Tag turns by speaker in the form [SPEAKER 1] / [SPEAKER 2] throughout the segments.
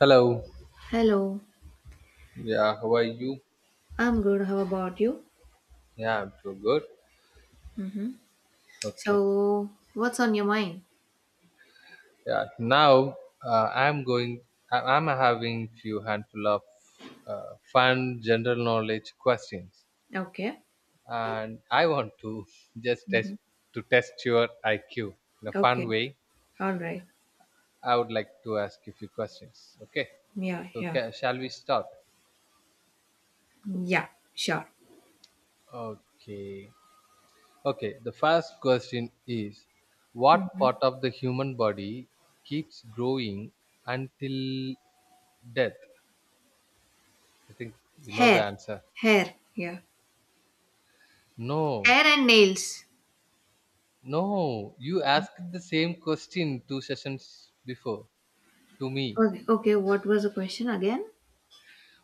[SPEAKER 1] Hello.
[SPEAKER 2] Hello,
[SPEAKER 1] Yeah, how are you?
[SPEAKER 2] I'm good. How about you?
[SPEAKER 1] Yeah, I'm too good.
[SPEAKER 2] Mm-hmm.
[SPEAKER 1] Okay.
[SPEAKER 2] So, what's on your mind?
[SPEAKER 1] Yeah. Now I'm going. I'm having few handful of fun general knowledge questions,
[SPEAKER 2] Okay,
[SPEAKER 1] and I want to just
[SPEAKER 2] mm-hmm,
[SPEAKER 1] test your IQ in a fun
[SPEAKER 2] okay,
[SPEAKER 1] way.
[SPEAKER 2] all right.
[SPEAKER 1] I would like to ask you few questions. Okay.
[SPEAKER 2] Yeah,
[SPEAKER 1] So
[SPEAKER 2] yeah,
[SPEAKER 1] shall we start?
[SPEAKER 2] yeah, sure.
[SPEAKER 1] Okay. Okay, the first question is what
[SPEAKER 2] Mm-hmm.
[SPEAKER 1] part of the human body keeps growing until death? I think you know the
[SPEAKER 2] Hair,
[SPEAKER 1] answer.
[SPEAKER 2] hair, yeah,
[SPEAKER 1] No,
[SPEAKER 2] hair and nails.
[SPEAKER 1] no, you asked the same question two sessions before to me.
[SPEAKER 2] Okay, okay, what was the question again?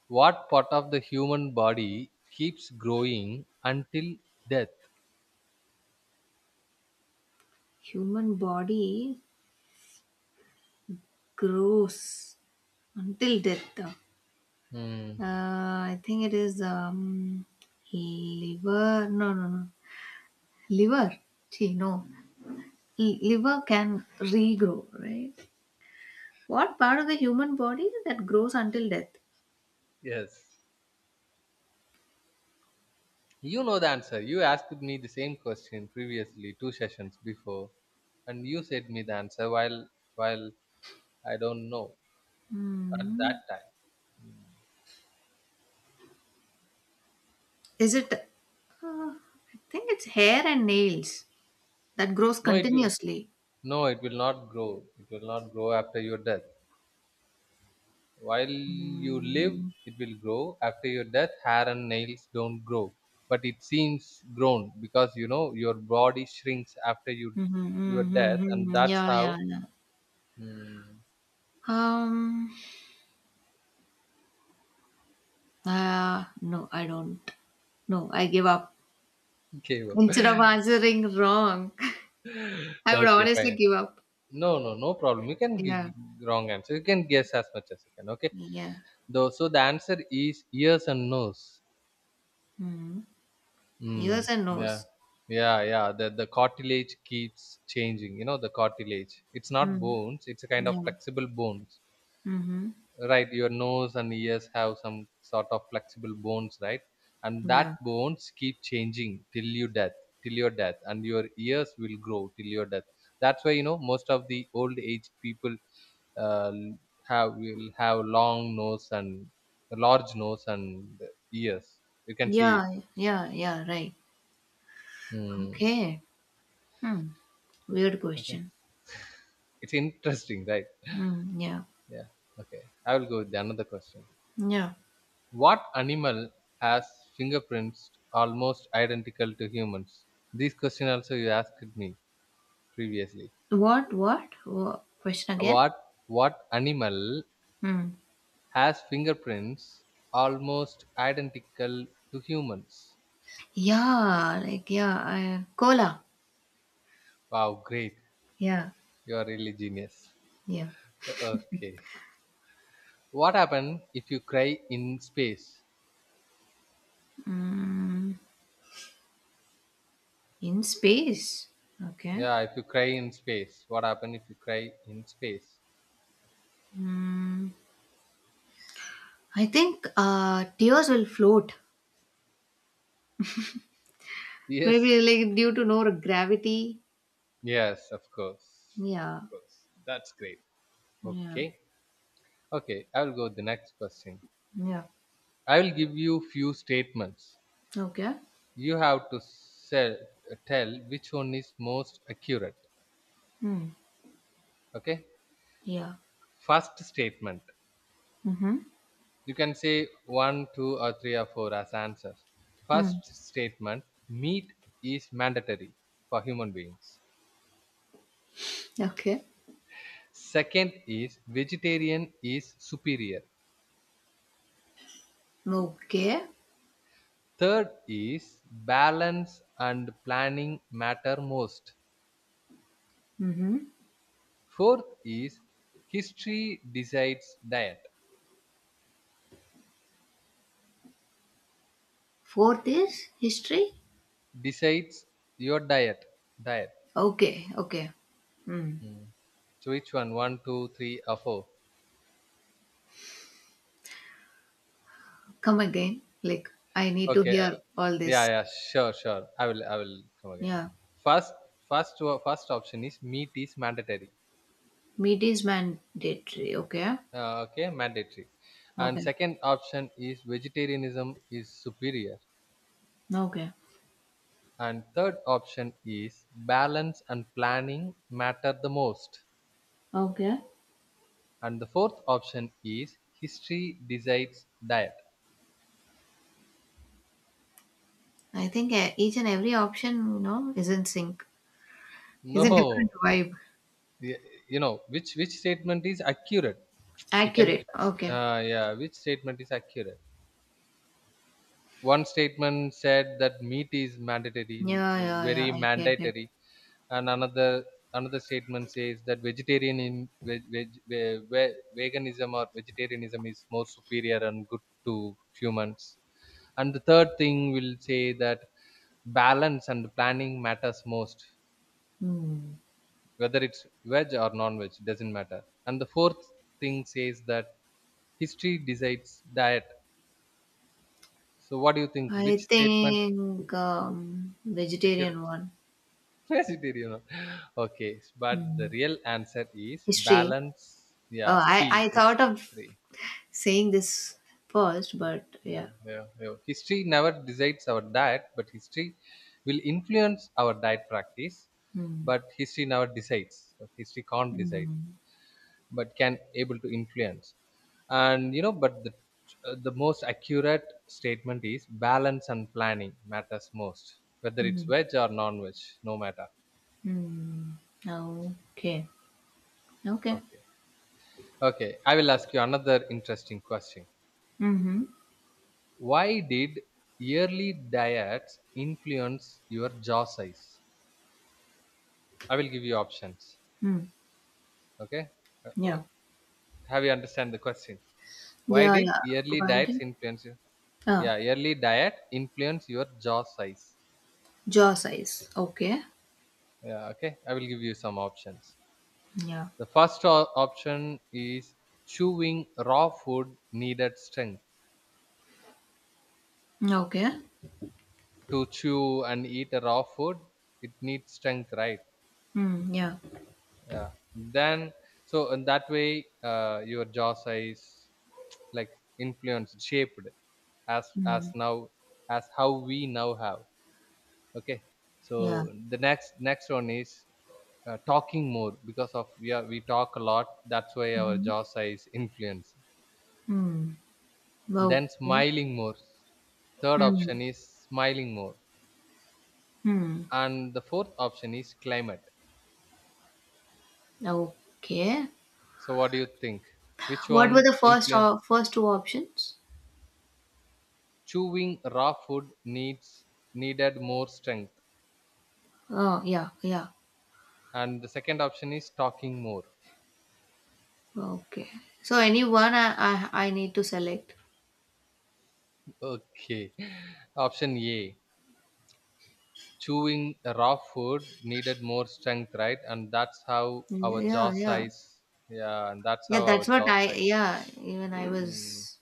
[SPEAKER 1] What part of the human body keeps growing until death?
[SPEAKER 2] Human body grows until death. Uh,
[SPEAKER 1] Hmm.
[SPEAKER 2] I think it is liver. No, Liver. See, no, liver can regrow, right? What part of the human body that grows until death?
[SPEAKER 1] Yes, you know the answer. You asked me the same question previously, two sessions before, and you said me the answer while while I don't know at that
[SPEAKER 2] Hmm.
[SPEAKER 1] time. Mm.
[SPEAKER 2] Is it? Uh, I think it's hair and nails that grows
[SPEAKER 1] No, it will.
[SPEAKER 2] continuously.
[SPEAKER 1] No, it will not grow. It will not grow after your death. While you live,
[SPEAKER 2] Mm.
[SPEAKER 1] it will grow. After your death, hair and nails don't grow, but it seems grown because you know your body shrinks after you
[SPEAKER 2] Mhm,
[SPEAKER 1] your
[SPEAKER 2] mhm,
[SPEAKER 1] death, and
[SPEAKER 2] mhm.
[SPEAKER 1] that's
[SPEAKER 2] Yeah, yeah,
[SPEAKER 1] how.
[SPEAKER 2] yeah.
[SPEAKER 1] Mm,
[SPEAKER 2] Um. No, I don't. No, I give up.
[SPEAKER 1] okay, well.
[SPEAKER 2] Instead of answering wrong, I would
[SPEAKER 1] Okay,
[SPEAKER 2] honestly
[SPEAKER 1] fine.
[SPEAKER 2] give up.
[SPEAKER 1] No, no, no problem. You can give
[SPEAKER 2] Yeah.
[SPEAKER 1] wrong answer. You can guess as much as you can. Okay.
[SPEAKER 2] Yeah.
[SPEAKER 1] Though, so the answer is ears and nose.
[SPEAKER 2] Mm. Ears
[SPEAKER 1] Mm,
[SPEAKER 2] and
[SPEAKER 1] yeah,
[SPEAKER 2] nose.
[SPEAKER 1] yeah, yeah. The cartilage keeps changing. You know, the cartilage. It's not
[SPEAKER 2] Mm.
[SPEAKER 1] bones. It's a kind of
[SPEAKER 2] Yeah.
[SPEAKER 1] flexible bones,
[SPEAKER 2] Mm-hmm.
[SPEAKER 1] right? Your nose and ears have some sort of flexible bones, right? And that
[SPEAKER 2] Yeah.
[SPEAKER 1] bones keep changing till you death, till your death, and your ears will grow till your death. That's why you know most of the old age people uh, have will have long nose and large nose and ears. You can see it.
[SPEAKER 2] Yeah, right.
[SPEAKER 1] Mm.
[SPEAKER 2] Okay. Hmm. Weird
[SPEAKER 1] Okay.
[SPEAKER 2] question.
[SPEAKER 1] It's interesting, right?
[SPEAKER 2] Hmm. Yeah.
[SPEAKER 1] Yeah. Okay. I will go with another question.
[SPEAKER 2] Yeah.
[SPEAKER 1] What animal has fingerprints almost identical to humans? This question also you asked me previously.
[SPEAKER 2] What? What? What? Question again?
[SPEAKER 1] What what animal
[SPEAKER 2] Hmm.
[SPEAKER 1] has fingerprints almost identical to humans?
[SPEAKER 2] Cola.
[SPEAKER 1] Wow, great.
[SPEAKER 2] Yeah.
[SPEAKER 1] You are really genius.
[SPEAKER 2] Yeah.
[SPEAKER 1] Okay. What happen if you cry in space?
[SPEAKER 2] Mm, in space. Okay.
[SPEAKER 1] Yeah, if you cry in space. What happen if you cry in space?
[SPEAKER 2] Mm, I think tears will float. Maybe
[SPEAKER 1] Yes.
[SPEAKER 2] like due to no gravity.
[SPEAKER 1] Yes, of course.
[SPEAKER 2] Yeah.
[SPEAKER 1] Of course. That's great.
[SPEAKER 2] Yeah.
[SPEAKER 1] Okay. Okay, I will go with the next question.
[SPEAKER 2] Yeah.
[SPEAKER 1] I will give you few statements.
[SPEAKER 2] Okay.
[SPEAKER 1] You have to tell which one is most accurate.
[SPEAKER 2] Hmm.
[SPEAKER 1] Okay?
[SPEAKER 2] Yeah.
[SPEAKER 1] First statement.
[SPEAKER 2] Mm-hmm.
[SPEAKER 1] You can say one, two, or three, or four as answers.
[SPEAKER 2] Mm.
[SPEAKER 1] First statement, meat is mandatory for human beings.
[SPEAKER 2] Okay.
[SPEAKER 1] Second is vegetarian is superior.
[SPEAKER 2] Okay.
[SPEAKER 1] Third is balance and planning matter most.
[SPEAKER 2] Mhm.
[SPEAKER 1] Fourth is history decides diet.
[SPEAKER 2] Fourth is history?
[SPEAKER 1] Decides your diet. Diet.
[SPEAKER 2] Okay, okay. Mm.
[SPEAKER 1] Mm. So which one? One, two, three, or four?
[SPEAKER 2] Come again. Like, I need to
[SPEAKER 1] Okay.
[SPEAKER 2] hear all
[SPEAKER 1] Yeah,
[SPEAKER 2] this.
[SPEAKER 1] yeah. Sure, sure. I will. I will come again.
[SPEAKER 2] Yeah.
[SPEAKER 1] First, First option is meat is mandatory.
[SPEAKER 2] Meat is mandatory. Okay.
[SPEAKER 1] Okay, mandatory. And
[SPEAKER 2] Okay.
[SPEAKER 1] second option is vegetarianism is superior.
[SPEAKER 2] Okay.
[SPEAKER 1] And third option is balance and planning matter the most.
[SPEAKER 2] Okay.
[SPEAKER 1] And the fourth option is history decides diet.
[SPEAKER 2] I think each and every option, you know, is in sync. Is a different
[SPEAKER 1] No,
[SPEAKER 2] vibe.
[SPEAKER 1] y- you know which statement is accurate. You can,
[SPEAKER 2] Accurate. Okay.
[SPEAKER 1] yeah, which statement is accurate. One statement said that meat is mandatory,
[SPEAKER 2] Yeah.
[SPEAKER 1] very
[SPEAKER 2] I get it.
[SPEAKER 1] mandatory, and another statement says that vegetarian in veg, veg, ve- ve- veganism or vegetarianism is more superior and good to humans. And the third thing will say that balance and planning matters most,
[SPEAKER 2] Hmm.
[SPEAKER 1] whether it's veg or non-veg, doesn't matter. And the fourth thing says that history decides diet. So what do you think? Which
[SPEAKER 2] I
[SPEAKER 1] statement
[SPEAKER 2] think vegetarian
[SPEAKER 1] accurate?
[SPEAKER 2] one.
[SPEAKER 1] Vegetarian. Huh? Okay, but the
[SPEAKER 2] Hmm.
[SPEAKER 1] real answer is
[SPEAKER 2] History.
[SPEAKER 1] balance.
[SPEAKER 2] Oh,
[SPEAKER 1] Yeah, C.
[SPEAKER 2] I
[SPEAKER 1] It's
[SPEAKER 2] thought of
[SPEAKER 1] three.
[SPEAKER 2] saying this first, but yeah.
[SPEAKER 1] Yeah, yeah, yeah. History never decides our diet, but history will influence our diet practice.
[SPEAKER 2] hmm,
[SPEAKER 1] But history never decides. History can't decide,
[SPEAKER 2] hmm,
[SPEAKER 1] but can able to influence. And you know, but the most accurate statement is balance and planning matters most, whether it's
[SPEAKER 2] hmm,
[SPEAKER 1] veg or non-veg, no matter.
[SPEAKER 2] hmm Okay. Okay.
[SPEAKER 1] Okay, okay. I will ask you another interesting question.
[SPEAKER 2] Mm-hmm.
[SPEAKER 1] Why did yearly diets influence your jaw size? I will give you options.
[SPEAKER 2] Mm.
[SPEAKER 1] Okay. Uh, uh,
[SPEAKER 2] Yeah.
[SPEAKER 1] have you understand the question? Why
[SPEAKER 2] Yeah,
[SPEAKER 1] did
[SPEAKER 2] yeah.
[SPEAKER 1] yearly
[SPEAKER 2] Why
[SPEAKER 1] diets influence you?
[SPEAKER 2] Ah,
[SPEAKER 1] Yeah, yearly diet influence your jaw size.
[SPEAKER 2] jaw size. Okay.
[SPEAKER 1] Yeah, okay. I will give you some options.
[SPEAKER 2] Yeah.
[SPEAKER 1] The first option is chewing raw food needed strength.
[SPEAKER 2] Okay.
[SPEAKER 1] To chew and eat a raw food, it needs strength, right?
[SPEAKER 2] Hmm. Yeah.
[SPEAKER 1] Yeah. Then, so in that way, your jaw size like influenced shaped as
[SPEAKER 2] Hmm.
[SPEAKER 1] now as how we now have. Okay,
[SPEAKER 2] Yeah.
[SPEAKER 1] so the next one is talking more because of we talk a lot, that's why our
[SPEAKER 2] Mm-hmm.
[SPEAKER 1] jaw size influence.
[SPEAKER 2] Mm.
[SPEAKER 1] Then
[SPEAKER 2] Okay.
[SPEAKER 1] smiling more. Third option
[SPEAKER 2] Hmm.
[SPEAKER 1] is smiling more,
[SPEAKER 2] Hmm.
[SPEAKER 1] and the fourth option is climate.
[SPEAKER 2] Okay.
[SPEAKER 1] So what do you think? Which
[SPEAKER 2] What
[SPEAKER 1] one
[SPEAKER 2] were the first
[SPEAKER 1] influence?
[SPEAKER 2] or first two options?
[SPEAKER 1] Chewing raw food needs needed more strength,
[SPEAKER 2] Oh, yeah. Yeah.
[SPEAKER 1] and the second option is talking more.
[SPEAKER 2] Okay. So any one I need to select.
[SPEAKER 1] Okay. Option A. Chewing raw food needed more strength, right? And that's how our
[SPEAKER 2] Yeah,
[SPEAKER 1] jaw
[SPEAKER 2] yeah.
[SPEAKER 1] size. Yeah, and that's
[SPEAKER 2] Yeah,
[SPEAKER 1] how our
[SPEAKER 2] that's what
[SPEAKER 1] jaw
[SPEAKER 2] I
[SPEAKER 1] size.
[SPEAKER 2] yeah, even I
[SPEAKER 1] Mm,
[SPEAKER 2] was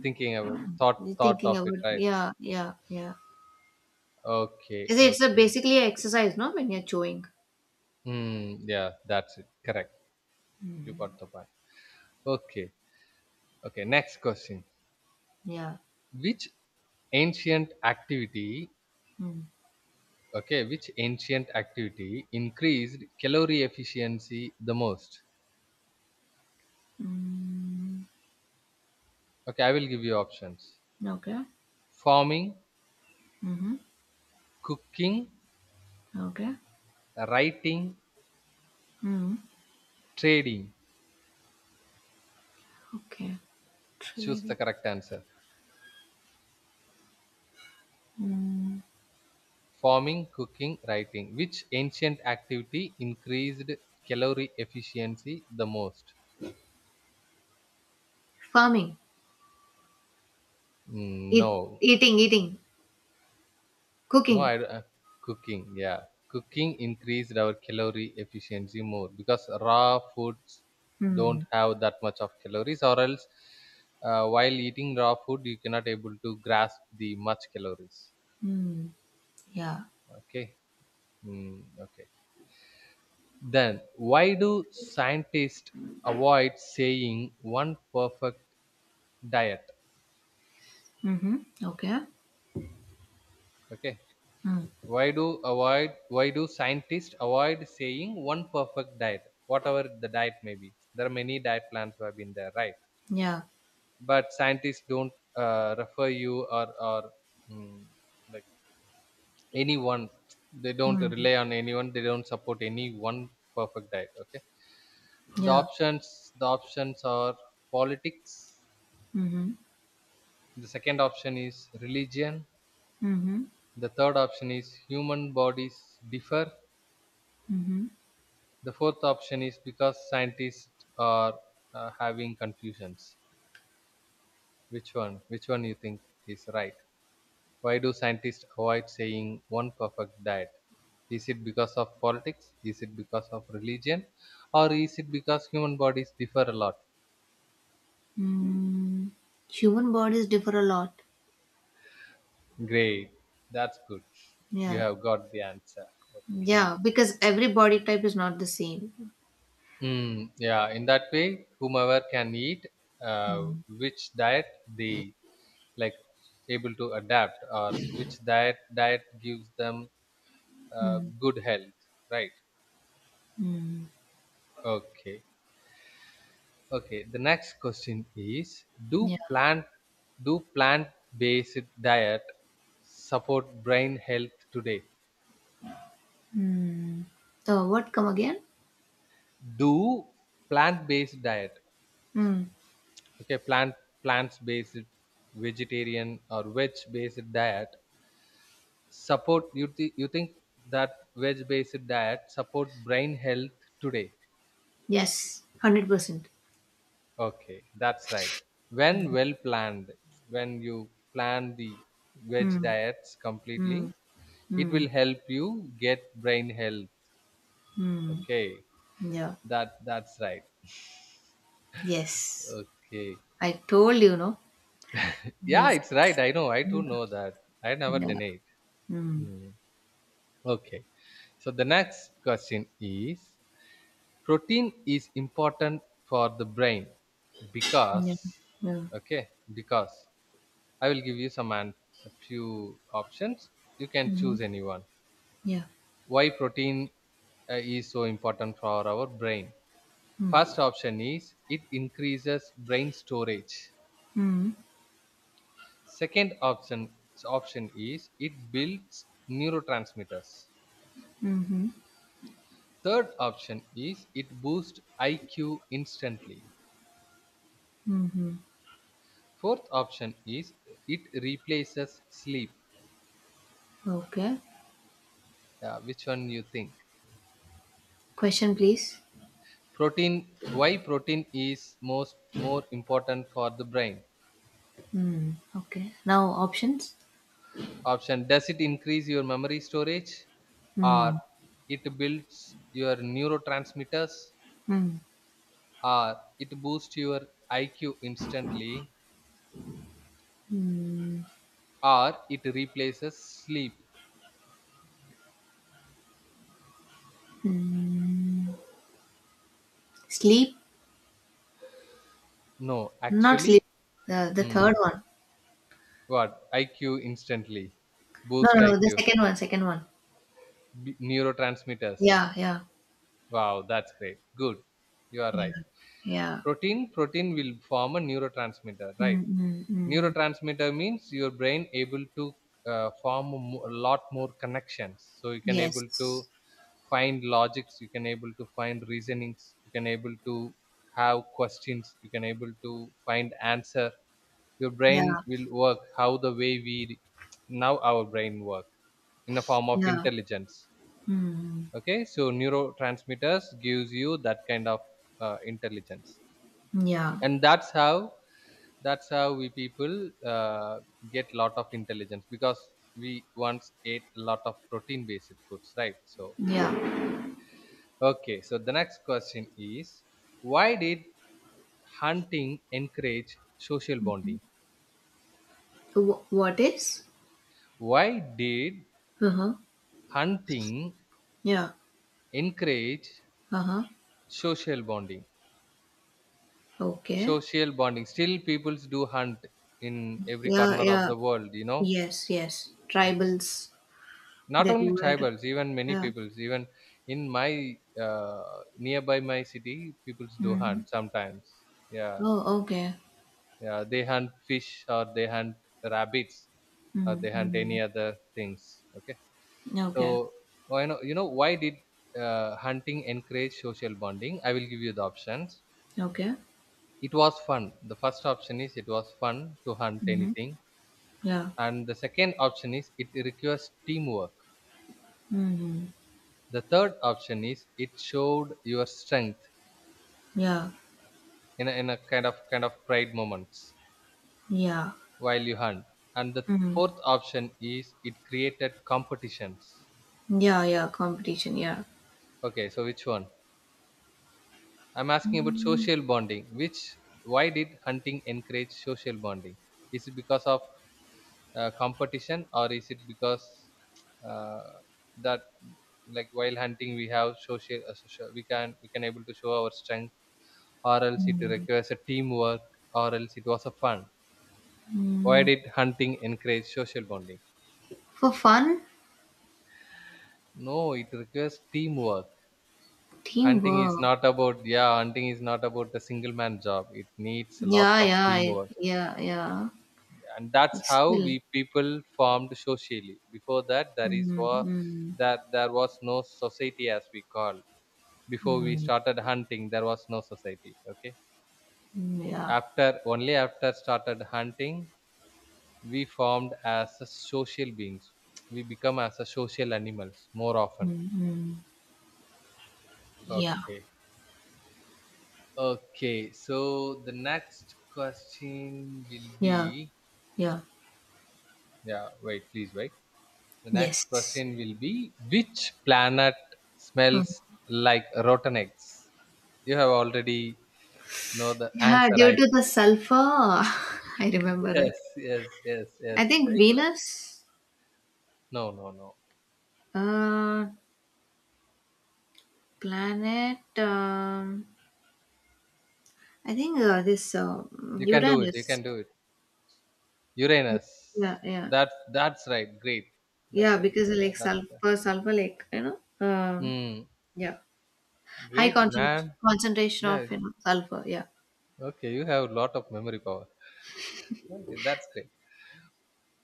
[SPEAKER 1] thinking about thought
[SPEAKER 2] thinking
[SPEAKER 1] of it,
[SPEAKER 2] about
[SPEAKER 1] right?
[SPEAKER 2] yeah, yeah, yeah.
[SPEAKER 1] Okay,
[SPEAKER 2] It's a
[SPEAKER 1] okay.
[SPEAKER 2] basically exercise, no, when you're chewing.
[SPEAKER 1] Hmm. Yeah, that's it. Correct. You got the point. Okay, okay. Next question.
[SPEAKER 2] Yeah.
[SPEAKER 1] Which ancient activity?
[SPEAKER 2] Mm.
[SPEAKER 1] Okay, which ancient activity increased calorie efficiency the most?
[SPEAKER 2] Mm.
[SPEAKER 1] Okay, I will give you options.
[SPEAKER 2] Okay.
[SPEAKER 1] Farming,
[SPEAKER 2] Mm-hmm.
[SPEAKER 1] cooking,
[SPEAKER 2] Okay.
[SPEAKER 1] writing,
[SPEAKER 2] Mm.
[SPEAKER 1] trading.
[SPEAKER 2] Okay.
[SPEAKER 1] Choose the
[SPEAKER 2] Trading.
[SPEAKER 1] correct answer.
[SPEAKER 2] Mm.
[SPEAKER 1] Farming, cooking, writing. Which ancient activity increased calorie efficiency the most?
[SPEAKER 2] Farming.
[SPEAKER 1] Mm, no,
[SPEAKER 2] Eating.
[SPEAKER 1] no,
[SPEAKER 2] Cooking.
[SPEAKER 1] cooking. Yeah, cooking increased our calorie efficiency more because raw foods don't
[SPEAKER 2] Mm.
[SPEAKER 1] have that much of calories, or else while eating raw food you cannot able to grasp the much calories.
[SPEAKER 2] Mm. Yeah.
[SPEAKER 1] Okay. Mm, okay. Then, why do scientists avoid saying one perfect diet?
[SPEAKER 2] Mm-hmm. Okay.
[SPEAKER 1] Okay,
[SPEAKER 2] Mm.
[SPEAKER 1] why do scientists avoid saying one perfect diet, whatever the diet may be? There are many diet plans who have been there, right?
[SPEAKER 2] Yeah.
[SPEAKER 1] But scientists don't refer you mm, like anyone. They don't
[SPEAKER 2] Mm.
[SPEAKER 1] rely on anyone. They don't support any one perfect diet. Okay,
[SPEAKER 2] Yeah.
[SPEAKER 1] the options are politics.
[SPEAKER 2] Mhm.
[SPEAKER 1] The second option is religion.
[SPEAKER 2] Mhm.
[SPEAKER 1] The third option is human bodies differ.
[SPEAKER 2] Mhm.
[SPEAKER 1] The fourth option is because scientists are having confusions. Which one? Which one you think is right? Why do scientists avoid saying one perfect diet? Is it because of politics? Is it because of religion? Or is it because human bodies differ a lot?
[SPEAKER 2] Mm. Human bodies differ a lot.
[SPEAKER 1] Great. That's good. You
[SPEAKER 2] Yeah.
[SPEAKER 1] have got the answer. Okay.
[SPEAKER 2] Yeah, because every body type is not the same.
[SPEAKER 1] Mm, yeah, in that way, whomever can eat uh,
[SPEAKER 2] Mm.
[SPEAKER 1] which diet they like able to adapt, or which diet gives them
[SPEAKER 2] Mm.
[SPEAKER 1] good health, right?
[SPEAKER 2] Mm.
[SPEAKER 1] Okay, okay. The next question is:
[SPEAKER 2] Yeah.
[SPEAKER 1] do plant do plant based diet support brain health today?
[SPEAKER 2] Mm. So what come again?
[SPEAKER 1] Do plant based diet
[SPEAKER 2] Mm.
[SPEAKER 1] okay Plants based vegetarian or veg based diet support you, you think that veg based diet support brain health today?
[SPEAKER 2] Yes, 100%.
[SPEAKER 1] Okay, that's right. When well planned, when you plan the veg
[SPEAKER 2] Mm.
[SPEAKER 1] diets completely,
[SPEAKER 2] Mm.
[SPEAKER 1] it
[SPEAKER 2] Mm.
[SPEAKER 1] will help you get brain health.
[SPEAKER 2] Mm.
[SPEAKER 1] Okay,
[SPEAKER 2] Yeah.
[SPEAKER 1] that that's right.
[SPEAKER 2] Yes.
[SPEAKER 1] Okay,
[SPEAKER 2] I told you, no?
[SPEAKER 1] yeah,
[SPEAKER 2] Yes.
[SPEAKER 1] it's right. I know, I too know that. I never
[SPEAKER 2] Yeah.
[SPEAKER 1] denied.
[SPEAKER 2] Mm.
[SPEAKER 1] Mm, okay, so the next question is: protein is important for the brain because.
[SPEAKER 2] Yeah. Yeah.
[SPEAKER 1] Okay, because I will give you some and a few options. You can
[SPEAKER 2] Mm.
[SPEAKER 1] choose anyone.
[SPEAKER 2] Yeah.
[SPEAKER 1] Why protein is so important for our brain?
[SPEAKER 2] Mm.
[SPEAKER 1] First option is it increases brain storage.
[SPEAKER 2] Mm.
[SPEAKER 1] Second option option is it builds neurotransmitters.
[SPEAKER 2] Mm-hmm.
[SPEAKER 1] Third option is it boosts IQ instantly.
[SPEAKER 2] Mm-hmm.
[SPEAKER 1] Fourth option is it replaces sleep.
[SPEAKER 2] Okay.
[SPEAKER 1] Yeah, which one you think?
[SPEAKER 2] Question, please.
[SPEAKER 1] Protein. Why protein is most more important for the brain?
[SPEAKER 2] Hmm. Okay. Now options.
[SPEAKER 1] Option: does it increase your memory storage, or
[SPEAKER 2] Hmm.
[SPEAKER 1] it builds your neurotransmitters,
[SPEAKER 2] Hmm.
[SPEAKER 1] or it boosts your IQ instantly,
[SPEAKER 2] Hmm.
[SPEAKER 1] or it replaces sleep?
[SPEAKER 2] Hmm. Sleep.
[SPEAKER 1] No,
[SPEAKER 2] Not sleep.
[SPEAKER 1] actually,
[SPEAKER 2] The
[SPEAKER 1] hmm,
[SPEAKER 2] third one.
[SPEAKER 1] what, IQ instantly,
[SPEAKER 2] No,
[SPEAKER 1] boost
[SPEAKER 2] no, no. The
[SPEAKER 1] IQ,
[SPEAKER 2] second one. Second one.
[SPEAKER 1] neurotransmitters.
[SPEAKER 2] Yeah, yeah,
[SPEAKER 1] Wow, that's great. Good. You are right.
[SPEAKER 2] yeah, yeah.
[SPEAKER 1] Protein will form a neurotransmitter, right?
[SPEAKER 2] Hmm. Hmm. Mm.
[SPEAKER 1] Neurotransmitter means your brain able to form a a lot more connections. So you can able
[SPEAKER 2] Yes.
[SPEAKER 1] to find logics, you can able to find reasonings, you can able to have questions, you can able to find answer. Your
[SPEAKER 2] Yeah,
[SPEAKER 1] brain will work how the way we now our brain work in a form of
[SPEAKER 2] yeah.
[SPEAKER 1] intelligence.
[SPEAKER 2] Hmm.
[SPEAKER 1] Okay, so neurotransmitters gives you that kind of intelligence,
[SPEAKER 2] Yeah,
[SPEAKER 1] and that's how we people uh, get lot of intelligence because we once ate a lot of protein based foods, right? So okay,
[SPEAKER 2] yeah.
[SPEAKER 1] okay, so the next question is: why did hunting encourage social bonding?
[SPEAKER 2] What is?
[SPEAKER 1] Why did
[SPEAKER 2] Uh huh.
[SPEAKER 1] hunting
[SPEAKER 2] Yeah.
[SPEAKER 1] encourage
[SPEAKER 2] Uh huh.
[SPEAKER 1] social bonding?
[SPEAKER 2] Okay.
[SPEAKER 1] Social bonding. Still, peoples do hunt in every
[SPEAKER 2] Yeah,
[SPEAKER 1] corner of
[SPEAKER 2] yeah.
[SPEAKER 1] the world. You know,
[SPEAKER 2] Yes, yes.
[SPEAKER 1] uh,
[SPEAKER 2] Tribals.
[SPEAKER 1] not
[SPEAKER 2] They
[SPEAKER 1] only
[SPEAKER 2] do it.
[SPEAKER 1] tribals, even many
[SPEAKER 2] Yeah.
[SPEAKER 1] peoples. Even in my nearby my city, peoples do
[SPEAKER 2] Mhm.
[SPEAKER 1] hunt sometimes. Yeah,
[SPEAKER 2] Oh, okay.
[SPEAKER 1] yeah. They hunt fish or they hunt rabbits or
[SPEAKER 2] Mm,
[SPEAKER 1] they hunt any
[SPEAKER 2] mhm.
[SPEAKER 1] other things. Okay.
[SPEAKER 2] Okay.
[SPEAKER 1] So why know you know why did hunting encourage social bonding? I will give you the options.
[SPEAKER 2] Okay.
[SPEAKER 1] It was fun. The first option is it was fun to hunt
[SPEAKER 2] Mhm.
[SPEAKER 1] anything,
[SPEAKER 2] Yeah.
[SPEAKER 1] and the second option is it requires teamwork,
[SPEAKER 2] Mhm.
[SPEAKER 1] the third option is it showed your strength
[SPEAKER 2] Yeah.
[SPEAKER 1] in a kind of pride moments
[SPEAKER 2] Yeah.
[SPEAKER 1] while you hunt, and the
[SPEAKER 2] Mhm.
[SPEAKER 1] fourth option is it created competitions.
[SPEAKER 2] Yeah, competition, yeah.
[SPEAKER 1] Okay, so which one, I'm asking about social bonding, which, why did hunting encourage social bonding? Is it because of competition, or is it because uh, that, like while hunting we have social we can able to show our strength, or else it
[SPEAKER 2] Mhm.
[SPEAKER 1] requires a teamwork, or else it was a fun. Why
[SPEAKER 2] Mm.
[SPEAKER 1] did hunting encourage social bonding?
[SPEAKER 2] For fun,
[SPEAKER 1] No, it requires teamwork. Hunting is
[SPEAKER 2] teamwork.
[SPEAKER 1] not about, yeah, hunting is not about a single man job. It needs a lot of teamwork,
[SPEAKER 2] Yeah, yeah.
[SPEAKER 1] and that's
[SPEAKER 2] But
[SPEAKER 1] how
[SPEAKER 2] still.
[SPEAKER 1] we people formed socially. Before that, there is
[SPEAKER 2] Mhm.
[SPEAKER 1] war,
[SPEAKER 2] Mhm.
[SPEAKER 1] that there was no society as we call. Before we
[SPEAKER 2] Mhm.
[SPEAKER 1] started hunting, there was no society. Okay,
[SPEAKER 2] Mm, yeah.
[SPEAKER 1] after, only after started hunting we formed as a social beings. We become as a social animals more often.
[SPEAKER 2] Mhm. Yeah.
[SPEAKER 1] Okay. Okay. So the next question will
[SPEAKER 2] Yeah.
[SPEAKER 1] be,
[SPEAKER 2] Yeah.
[SPEAKER 1] yeah, wait, please wait. The next
[SPEAKER 2] Yes.
[SPEAKER 1] question will be, which planet smells
[SPEAKER 2] Mhm.
[SPEAKER 1] like rotten eggs? You have already know the
[SPEAKER 2] Yeah,
[SPEAKER 1] answer,
[SPEAKER 2] due
[SPEAKER 1] I
[SPEAKER 2] to the sulfur, I remember
[SPEAKER 1] think.
[SPEAKER 2] it.
[SPEAKER 1] Yes, yes, yes,
[SPEAKER 2] I
[SPEAKER 1] yes.
[SPEAKER 2] think
[SPEAKER 1] Very correct.
[SPEAKER 2] Venus,
[SPEAKER 1] No, no, no.
[SPEAKER 2] uh, planet. I think this
[SPEAKER 1] You can do it. You
[SPEAKER 2] Uranus.
[SPEAKER 1] can do it. Uranus.
[SPEAKER 2] Yeah, yeah,
[SPEAKER 1] That's right. Great.
[SPEAKER 2] yeah.
[SPEAKER 1] That's right.
[SPEAKER 2] Because
[SPEAKER 1] Yeah,
[SPEAKER 2] like
[SPEAKER 1] that's.
[SPEAKER 2] like you know, um,
[SPEAKER 1] Mm,
[SPEAKER 2] yeah, high
[SPEAKER 1] great, man.
[SPEAKER 2] concentration
[SPEAKER 1] Yeah.
[SPEAKER 2] of you know sulfur. Yeah.
[SPEAKER 1] Okay, you have a lot of memory power. Okay, that's great.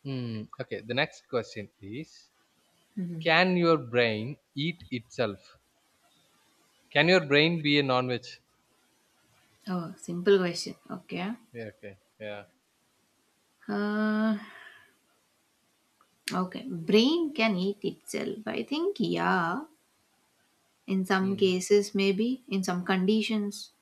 [SPEAKER 1] Mm, okay, the next question is,
[SPEAKER 2] Hmm.
[SPEAKER 1] can your brain eat itself? Can your brain be a non veg?
[SPEAKER 2] Oh, simple question. Okay.
[SPEAKER 1] Yeah, okay, yeah.
[SPEAKER 2] Uh, okay. Brain can eat itself. I think yeah. In some
[SPEAKER 1] Mm,
[SPEAKER 2] cases, maybe in some conditions.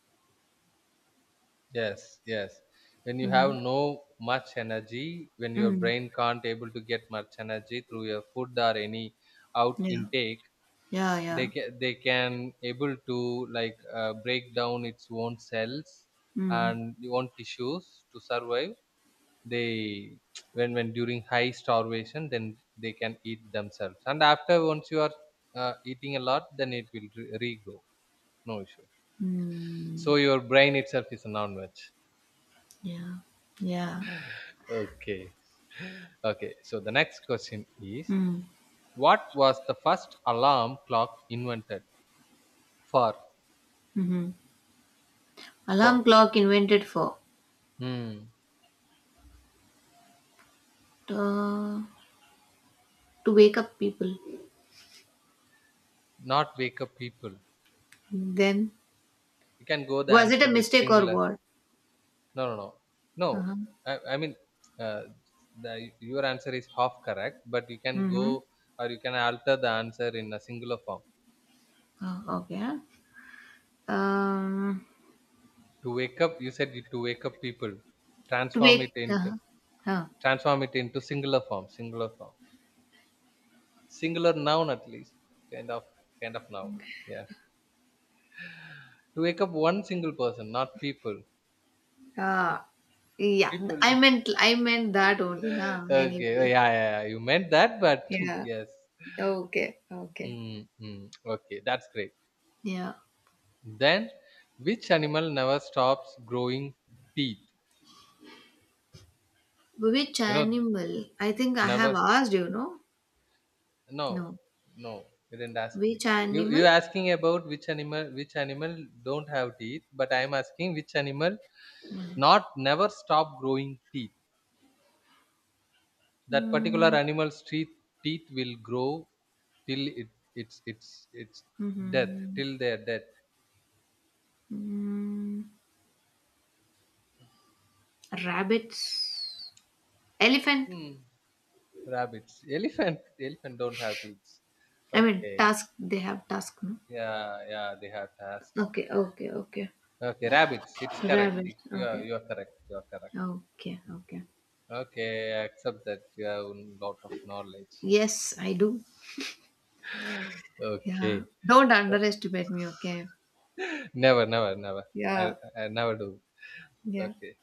[SPEAKER 1] yes, yes. When you have
[SPEAKER 2] Mm-hmm.
[SPEAKER 1] no much energy, when your
[SPEAKER 2] Mm.
[SPEAKER 1] brain can't able to get much energy through your food or any out
[SPEAKER 2] Yeah.
[SPEAKER 1] intake,
[SPEAKER 2] Yeah.
[SPEAKER 1] they
[SPEAKER 2] Yeah.
[SPEAKER 1] can, they can able to, like, break down its own cells
[SPEAKER 2] Mm.
[SPEAKER 1] and the own tissues to survive, they, when during high starvation, then they can eat themselves, and after, once you are eating a lot, then it will regrow, no issue.
[SPEAKER 2] Mm,
[SPEAKER 1] So your brain itself is a non-veg.
[SPEAKER 2] yeah, yeah.
[SPEAKER 1] Okay. Okay, so the next question is,
[SPEAKER 2] Mm,
[SPEAKER 1] what was the first alarm clock invented for?
[SPEAKER 2] hmm, mm-hmm.
[SPEAKER 1] For,
[SPEAKER 2] Alarm clock invented for
[SPEAKER 1] hmm,
[SPEAKER 2] uh, to wake up people.
[SPEAKER 1] not wake up people,
[SPEAKER 2] Then
[SPEAKER 1] you can go the
[SPEAKER 2] was it
[SPEAKER 1] answer
[SPEAKER 2] a
[SPEAKER 1] with
[SPEAKER 2] mistake or
[SPEAKER 1] singular.
[SPEAKER 2] what?
[SPEAKER 1] No, no, no, no.
[SPEAKER 2] Uh-huh.
[SPEAKER 1] I mean, uh, the, your answer is half correct, but you can go,
[SPEAKER 2] Mm-hmm.
[SPEAKER 1] or you can alter the answer in a singular form.
[SPEAKER 2] Oh, okay. Um,
[SPEAKER 1] To wake up, you said to wake up people,
[SPEAKER 2] to
[SPEAKER 1] transform
[SPEAKER 2] wake.
[SPEAKER 1] it into,
[SPEAKER 2] Uh-huh. Huh.
[SPEAKER 1] transform it into singular form, singular form, singular noun at least, kind of, kind of noun, yeah, to wake up one single person, not people,
[SPEAKER 2] Uh, yeah. I
[SPEAKER 1] people.
[SPEAKER 2] meant I meant that only. Nah.
[SPEAKER 1] Okay,
[SPEAKER 2] Anyway.
[SPEAKER 1] yeah, yeah, yeah, you meant that, but
[SPEAKER 2] Yeah.
[SPEAKER 1] yes.
[SPEAKER 2] Okay. Okay.
[SPEAKER 1] mm Hmm. Okay, that's great.
[SPEAKER 2] Yeah.
[SPEAKER 1] Then, which animal never stops growing teeth?
[SPEAKER 2] Which
[SPEAKER 1] You know,
[SPEAKER 2] animal? I think I have
[SPEAKER 1] never.
[SPEAKER 2] asked you. No.
[SPEAKER 1] No,
[SPEAKER 2] No.
[SPEAKER 1] no, you didn't ask me.
[SPEAKER 2] Which
[SPEAKER 1] You
[SPEAKER 2] animal?
[SPEAKER 1] you asking about which animal? Which animal don't have teeth? But I am asking which animal not never stop growing teeth. That particular
[SPEAKER 2] Mhm.
[SPEAKER 1] animal's teeth, teeth will grow till it, it's death,
[SPEAKER 2] Mhm.
[SPEAKER 1] till their death.
[SPEAKER 2] Mm. Rabbits, elephant.
[SPEAKER 1] Hmm. Rabbits, elephant, elephant don't have teeth.
[SPEAKER 2] I mean,
[SPEAKER 1] Okay.
[SPEAKER 2] tusk. They have tusk. No?
[SPEAKER 1] Yeah, yeah, they have to ask.
[SPEAKER 2] Okay.
[SPEAKER 1] Okay, rabbits. It's correct.
[SPEAKER 2] Rabbit.
[SPEAKER 1] It-
[SPEAKER 2] Okay,
[SPEAKER 1] you are correct. You are correct.
[SPEAKER 2] okay.
[SPEAKER 1] Okay, I accept that you have a lot of knowledge.
[SPEAKER 2] Yes, I do. Yeah.
[SPEAKER 1] Okay,
[SPEAKER 2] Don't underestimate me. Okay.
[SPEAKER 1] never, never, never. I,
[SPEAKER 2] Yeah.
[SPEAKER 1] I never do.
[SPEAKER 2] Yeah.
[SPEAKER 1] Okay,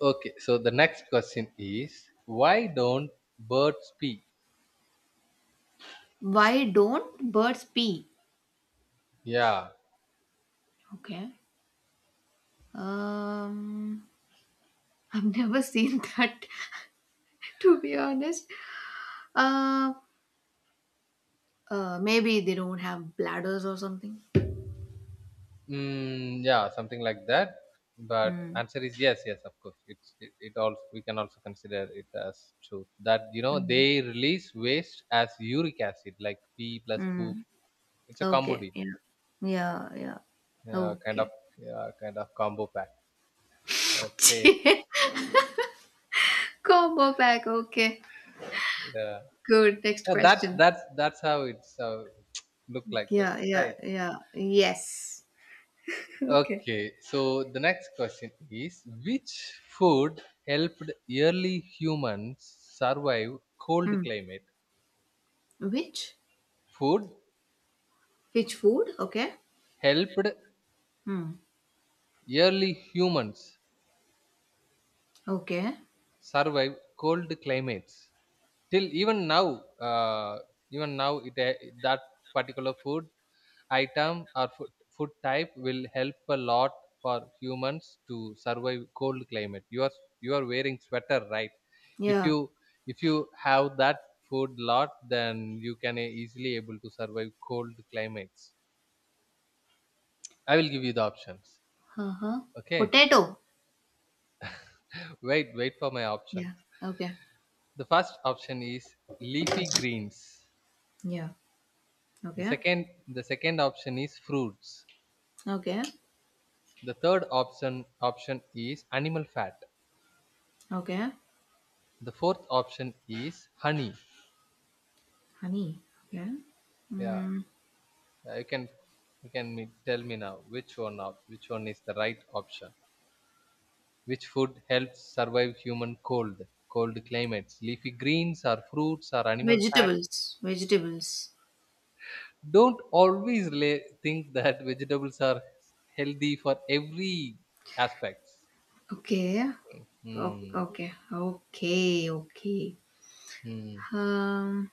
[SPEAKER 1] okay. So the next question is, why don't birds speak?
[SPEAKER 2] Why don't birds pee?
[SPEAKER 1] Yeah,
[SPEAKER 2] Okay. Um, I've never seen that. To be honest. Uh, maybe they don't have bladders or something.
[SPEAKER 1] mm, yeah, something like that. But
[SPEAKER 2] Hmm.
[SPEAKER 1] answer is yes, yes, of course. It's it also, we can also consider it as true that, you know,
[SPEAKER 2] Mm-hmm.
[SPEAKER 1] they release waste as uric acid, like pee plus poop.
[SPEAKER 2] Mm.
[SPEAKER 1] It's a combo
[SPEAKER 2] Okay.
[SPEAKER 1] deal,
[SPEAKER 2] Yeah. Yeah. Yeah.
[SPEAKER 1] yeah, kind of,
[SPEAKER 2] Okay.
[SPEAKER 1] yeah, kind of combo pack. Okay,
[SPEAKER 2] Combo pack. Okay.
[SPEAKER 1] yeah,
[SPEAKER 2] Good. Next
[SPEAKER 1] yeah that's
[SPEAKER 2] question.
[SPEAKER 1] that's that's how it's look like,
[SPEAKER 2] Yeah. Yeah.
[SPEAKER 1] right?
[SPEAKER 2] Yeah. Yes. Okay.
[SPEAKER 1] Okay, so the next question is: which food helped early humans survive cold
[SPEAKER 2] Mm.
[SPEAKER 1] climate?
[SPEAKER 2] Which?
[SPEAKER 1] Food
[SPEAKER 2] Which food? Okay.
[SPEAKER 1] helped
[SPEAKER 2] Mm.
[SPEAKER 1] early humans
[SPEAKER 2] Okay.
[SPEAKER 1] survive cold climates, till even now, uh, even now it that particular food item, or food, food type will help a lot for humans to survive cold climate. You are, you are wearing sweater, right? If
[SPEAKER 2] Yeah.
[SPEAKER 1] you, if you have that food lot, then you can easily able to survive cold climates. I will give you the options.
[SPEAKER 2] Uh huh.
[SPEAKER 1] Okay,
[SPEAKER 2] Potato.
[SPEAKER 1] wait, wait for my options.
[SPEAKER 2] Yeah. Okay.
[SPEAKER 1] The first option is leafy greens,
[SPEAKER 2] Yeah.
[SPEAKER 1] the
[SPEAKER 2] Okay.
[SPEAKER 1] second option is fruits.
[SPEAKER 2] Okay.
[SPEAKER 1] The third option is animal fat.
[SPEAKER 2] Okay.
[SPEAKER 1] The fourth option is honey.
[SPEAKER 2] Honey. Okay.
[SPEAKER 1] Yeah,
[SPEAKER 2] Mm.
[SPEAKER 1] yeah, you can, tell me now which one of, which one is the right option. Which food helps survive human cold climates? Leafy greens or fruits or animal fats?
[SPEAKER 2] Vegetables.
[SPEAKER 1] Don't always lay, think that vegetables are healthy for every aspects.
[SPEAKER 2] Okay.
[SPEAKER 1] Hmm.
[SPEAKER 2] Okay. Okay. Okay.
[SPEAKER 1] Hmm.
[SPEAKER 2] Um,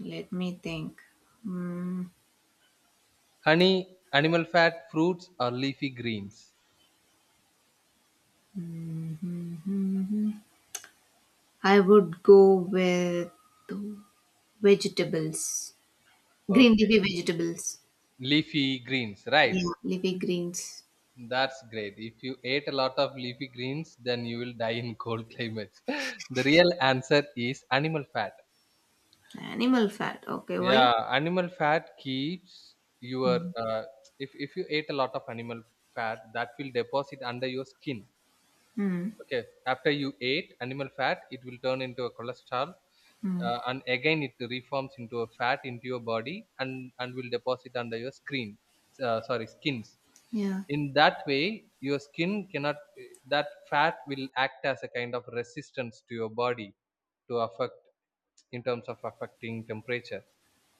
[SPEAKER 2] let me think. Mm,
[SPEAKER 1] Honey, animal fat, fruits or leafy greens.
[SPEAKER 2] I would go with vegetables, green
[SPEAKER 1] Okay.
[SPEAKER 2] leafy vegetables.
[SPEAKER 1] Leafy greens, right?
[SPEAKER 2] Yeah, leafy greens.
[SPEAKER 1] That's great. If you ate a lot of leafy greens, then you will die in cold climates. The real answer is animal fat.
[SPEAKER 2] Animal fat. Okay. Why?
[SPEAKER 1] Yeah, animal fat keeps your
[SPEAKER 2] Mm.
[SPEAKER 1] if you ate a lot of animal fat, that will deposit under your skin.
[SPEAKER 2] Mm.
[SPEAKER 1] Okay, after you ate animal fat, it will turn into a cholesterol,
[SPEAKER 2] Mm.
[SPEAKER 1] and again it reforms into a fat into your body, and will deposit under your screen. Sorry, skins.
[SPEAKER 2] Yeah.
[SPEAKER 1] In that way your skin cannot, that fat will act as a kind of resistance to your body, to affect, in terms of affecting temperature.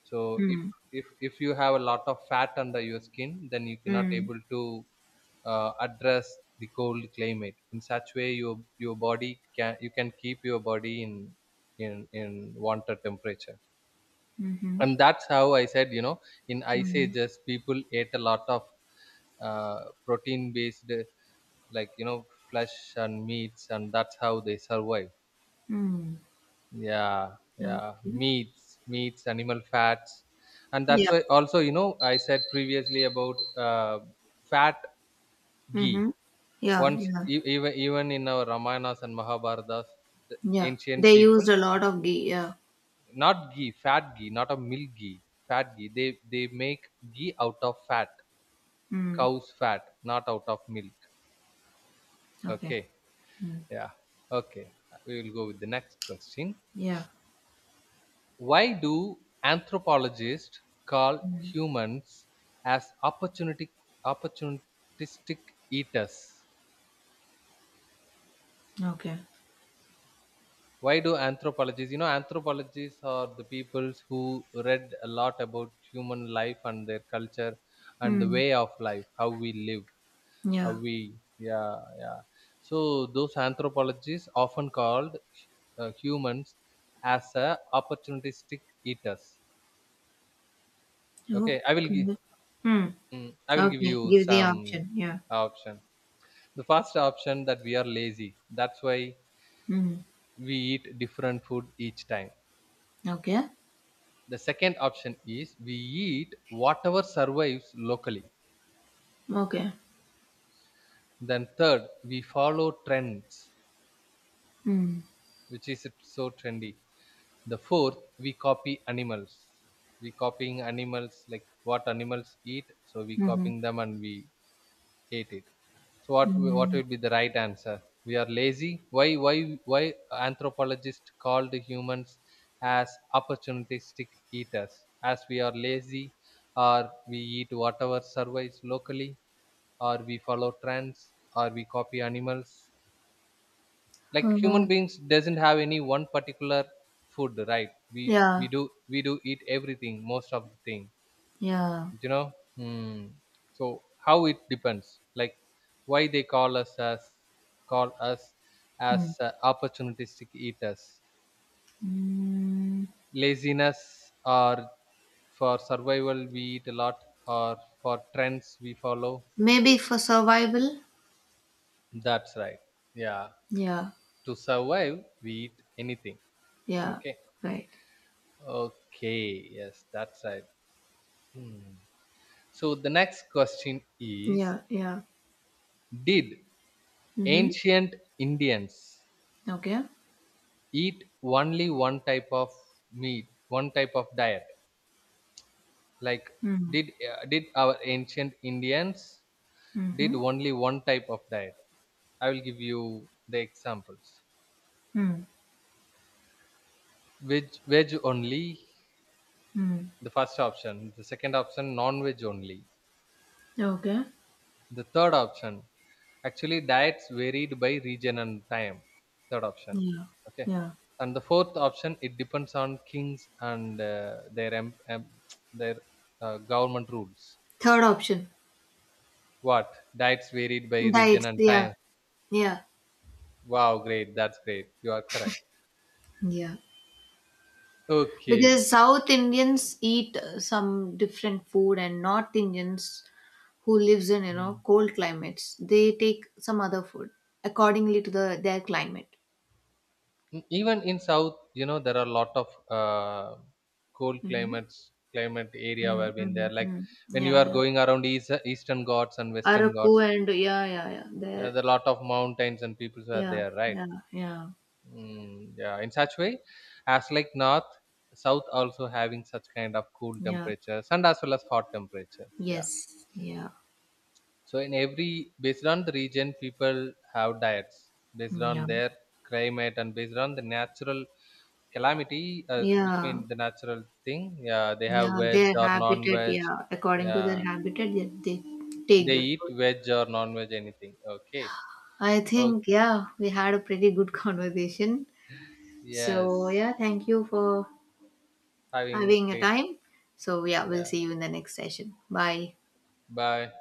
[SPEAKER 1] So if,
[SPEAKER 2] Mm.
[SPEAKER 1] if you have a lot of fat under your skin, then you cannot
[SPEAKER 2] Mm.
[SPEAKER 1] able to address the cold climate, in such way your body can, you can keep your body in, in wanted temperature.
[SPEAKER 2] Mm-hmm.
[SPEAKER 1] And that's how I said, you know, in ice
[SPEAKER 2] Mm.
[SPEAKER 1] ages people ate a lot of uh, protein based, like, you know, flesh and meats, and that's how they survive.
[SPEAKER 2] Mm.
[SPEAKER 1] Yeah, yeah,
[SPEAKER 2] Okay.
[SPEAKER 1] meats, meats, animal fats. And that's
[SPEAKER 2] Yeah.
[SPEAKER 1] why also, you know, I said previously about uh, fat, ghee,
[SPEAKER 2] Mm-hmm. Yeah.
[SPEAKER 1] once,
[SPEAKER 2] Yeah.
[SPEAKER 1] even in our ramayanas and mahabharatas, the
[SPEAKER 2] Yeah.
[SPEAKER 1] ancient
[SPEAKER 2] They
[SPEAKER 1] people,
[SPEAKER 2] used a lot of ghee. Yeah.
[SPEAKER 1] not ghee, fat ghee, not a milk ghee, fat ghee, they make ghee out of fat,
[SPEAKER 2] Mm.
[SPEAKER 1] cow's fat, not out of milk.
[SPEAKER 2] Okay.
[SPEAKER 1] Okay,
[SPEAKER 2] Mm.
[SPEAKER 1] yeah, okay. We will go with the next question.
[SPEAKER 2] Yeah.
[SPEAKER 1] Why do anthropologists call humans as opportunity opportunistic eaters?
[SPEAKER 2] Okay.
[SPEAKER 1] Why do anthropologists? You know, anthropologists are the people who read a lot about human life and their culture and the
[SPEAKER 2] Mm.
[SPEAKER 1] way of life, how we live. A,
[SPEAKER 2] Yeah.
[SPEAKER 1] we, yeah, yeah. So those anthropologists often called humans as a opportunistic eaters. Okay, I will give,
[SPEAKER 2] Okay. Hmm.
[SPEAKER 1] I will give
[SPEAKER 2] Okay.
[SPEAKER 1] you
[SPEAKER 2] Give the
[SPEAKER 1] some
[SPEAKER 2] option. Yeah.
[SPEAKER 1] option. The first option, that we are lazy, that's why
[SPEAKER 2] Mm.
[SPEAKER 1] we eat different food each time.
[SPEAKER 2] Okay.
[SPEAKER 1] The second option is, we eat whatever survives locally.
[SPEAKER 2] Okay.
[SPEAKER 1] Then third, we follow trends,
[SPEAKER 2] Mm.
[SPEAKER 1] which is so trendy. The fourth, we copy animals. We copying animals, like what animals eat, so we
[SPEAKER 2] Mm-hmm.
[SPEAKER 1] copying them and we ate it. So what
[SPEAKER 2] Mm.
[SPEAKER 1] would be the right answer? We are lazy. Why anthropologists called humans as opportunistic eaters? As we are lazy, or we eat whatever survives locally, or we follow trends, or we copy animals, like
[SPEAKER 2] Uh,
[SPEAKER 1] human beings doesn't have any one particular food, right? We
[SPEAKER 2] yeah.
[SPEAKER 1] do, we do eat everything, most of the thing,
[SPEAKER 2] Yeah.
[SPEAKER 1] you know. Hmm. So how it depends, like, why they call us as
[SPEAKER 2] Mm.
[SPEAKER 1] opportunistic eaters?
[SPEAKER 2] Mm.
[SPEAKER 1] Laziness, or for survival we eat a lot, or for trends we follow?
[SPEAKER 2] Maybe for survival.
[SPEAKER 1] That's right, yeah.
[SPEAKER 2] Yeah.
[SPEAKER 1] To survive we eat anything.
[SPEAKER 2] Yeah.
[SPEAKER 1] Okay,
[SPEAKER 2] Right.
[SPEAKER 1] okay, yes, that's right. Hmm. So the next question is,
[SPEAKER 2] Yeah. Yeah.
[SPEAKER 1] did
[SPEAKER 2] Mm-hmm.
[SPEAKER 1] ancient Indians
[SPEAKER 2] Okay.
[SPEAKER 1] eat only one type of meat, one type of diet? Like,
[SPEAKER 2] Mm.
[SPEAKER 1] did our ancient Indians did
[SPEAKER 2] Mm-hmm.
[SPEAKER 1] only one type of diet? I will give you the examples.
[SPEAKER 2] Mm.
[SPEAKER 1] Veg, veg only,
[SPEAKER 2] Mm.
[SPEAKER 1] the first option. The second option, non-veg only.
[SPEAKER 2] Okay.
[SPEAKER 1] The third option, actually, diets varied by region and time. Third option.
[SPEAKER 2] Yeah.
[SPEAKER 1] Okay.
[SPEAKER 2] Yeah.
[SPEAKER 1] And the fourth option, it depends on kings and their their government rules.
[SPEAKER 2] Third option.
[SPEAKER 1] What? Diets varied by region
[SPEAKER 2] Diets.
[SPEAKER 1] and
[SPEAKER 2] Yeah.
[SPEAKER 1] time.
[SPEAKER 2] Yeah,
[SPEAKER 1] Wow, great. That's great. You are correct.
[SPEAKER 2] yeah.
[SPEAKER 1] Okay.
[SPEAKER 2] Because South Indians eat some different food, and North Indians who lives in you
[SPEAKER 1] Mm.
[SPEAKER 2] know cold climates, they take some other food accordingly to the their climate.
[SPEAKER 1] Mm, even in South, you know, there are a lot of cold
[SPEAKER 2] Mm-hmm.
[SPEAKER 1] climates, climate area
[SPEAKER 2] mm
[SPEAKER 1] where been
[SPEAKER 2] mm
[SPEAKER 1] there. Like
[SPEAKER 2] mm.
[SPEAKER 1] when you
[SPEAKER 2] Yeah,
[SPEAKER 1] are
[SPEAKER 2] yeah.
[SPEAKER 1] going around east, Eastern Ghats and Western
[SPEAKER 2] Araku
[SPEAKER 1] Ghats,
[SPEAKER 2] and yeah. There,
[SPEAKER 1] the lot of mountains and peoples are
[SPEAKER 2] yeah,
[SPEAKER 1] there, right?
[SPEAKER 2] yeah, yeah,
[SPEAKER 1] Mm, yeah, in such way, as like north, south also having such kind of cool
[SPEAKER 2] yeah.
[SPEAKER 1] temperatures, and as well as hot temperature, yeah.
[SPEAKER 2] Yes, yeah,
[SPEAKER 1] So in every, based on the region, people have diets based on
[SPEAKER 2] yeah,
[SPEAKER 1] their climate, and based on the natural calamity, which
[SPEAKER 2] yeah,
[SPEAKER 1] means the natural thing, yeah, they have
[SPEAKER 2] yeah.
[SPEAKER 1] veg
[SPEAKER 2] Their
[SPEAKER 1] or
[SPEAKER 2] habitat,
[SPEAKER 1] non-veg,
[SPEAKER 2] yeah. According to their
[SPEAKER 1] yeah,
[SPEAKER 2] habitat, they take
[SPEAKER 1] they
[SPEAKER 2] the
[SPEAKER 1] eat
[SPEAKER 2] food.
[SPEAKER 1] veg or non-veg anything. Okay.
[SPEAKER 2] I
[SPEAKER 1] Oh,
[SPEAKER 2] think, yeah, we had a pretty good conversation. So,
[SPEAKER 1] yes,
[SPEAKER 2] yeah, thank you for
[SPEAKER 1] having
[SPEAKER 2] having a
[SPEAKER 1] great,
[SPEAKER 2] time. So, yeah, we'll
[SPEAKER 1] yeah.
[SPEAKER 2] see you in the next session. Bye.
[SPEAKER 1] Bye.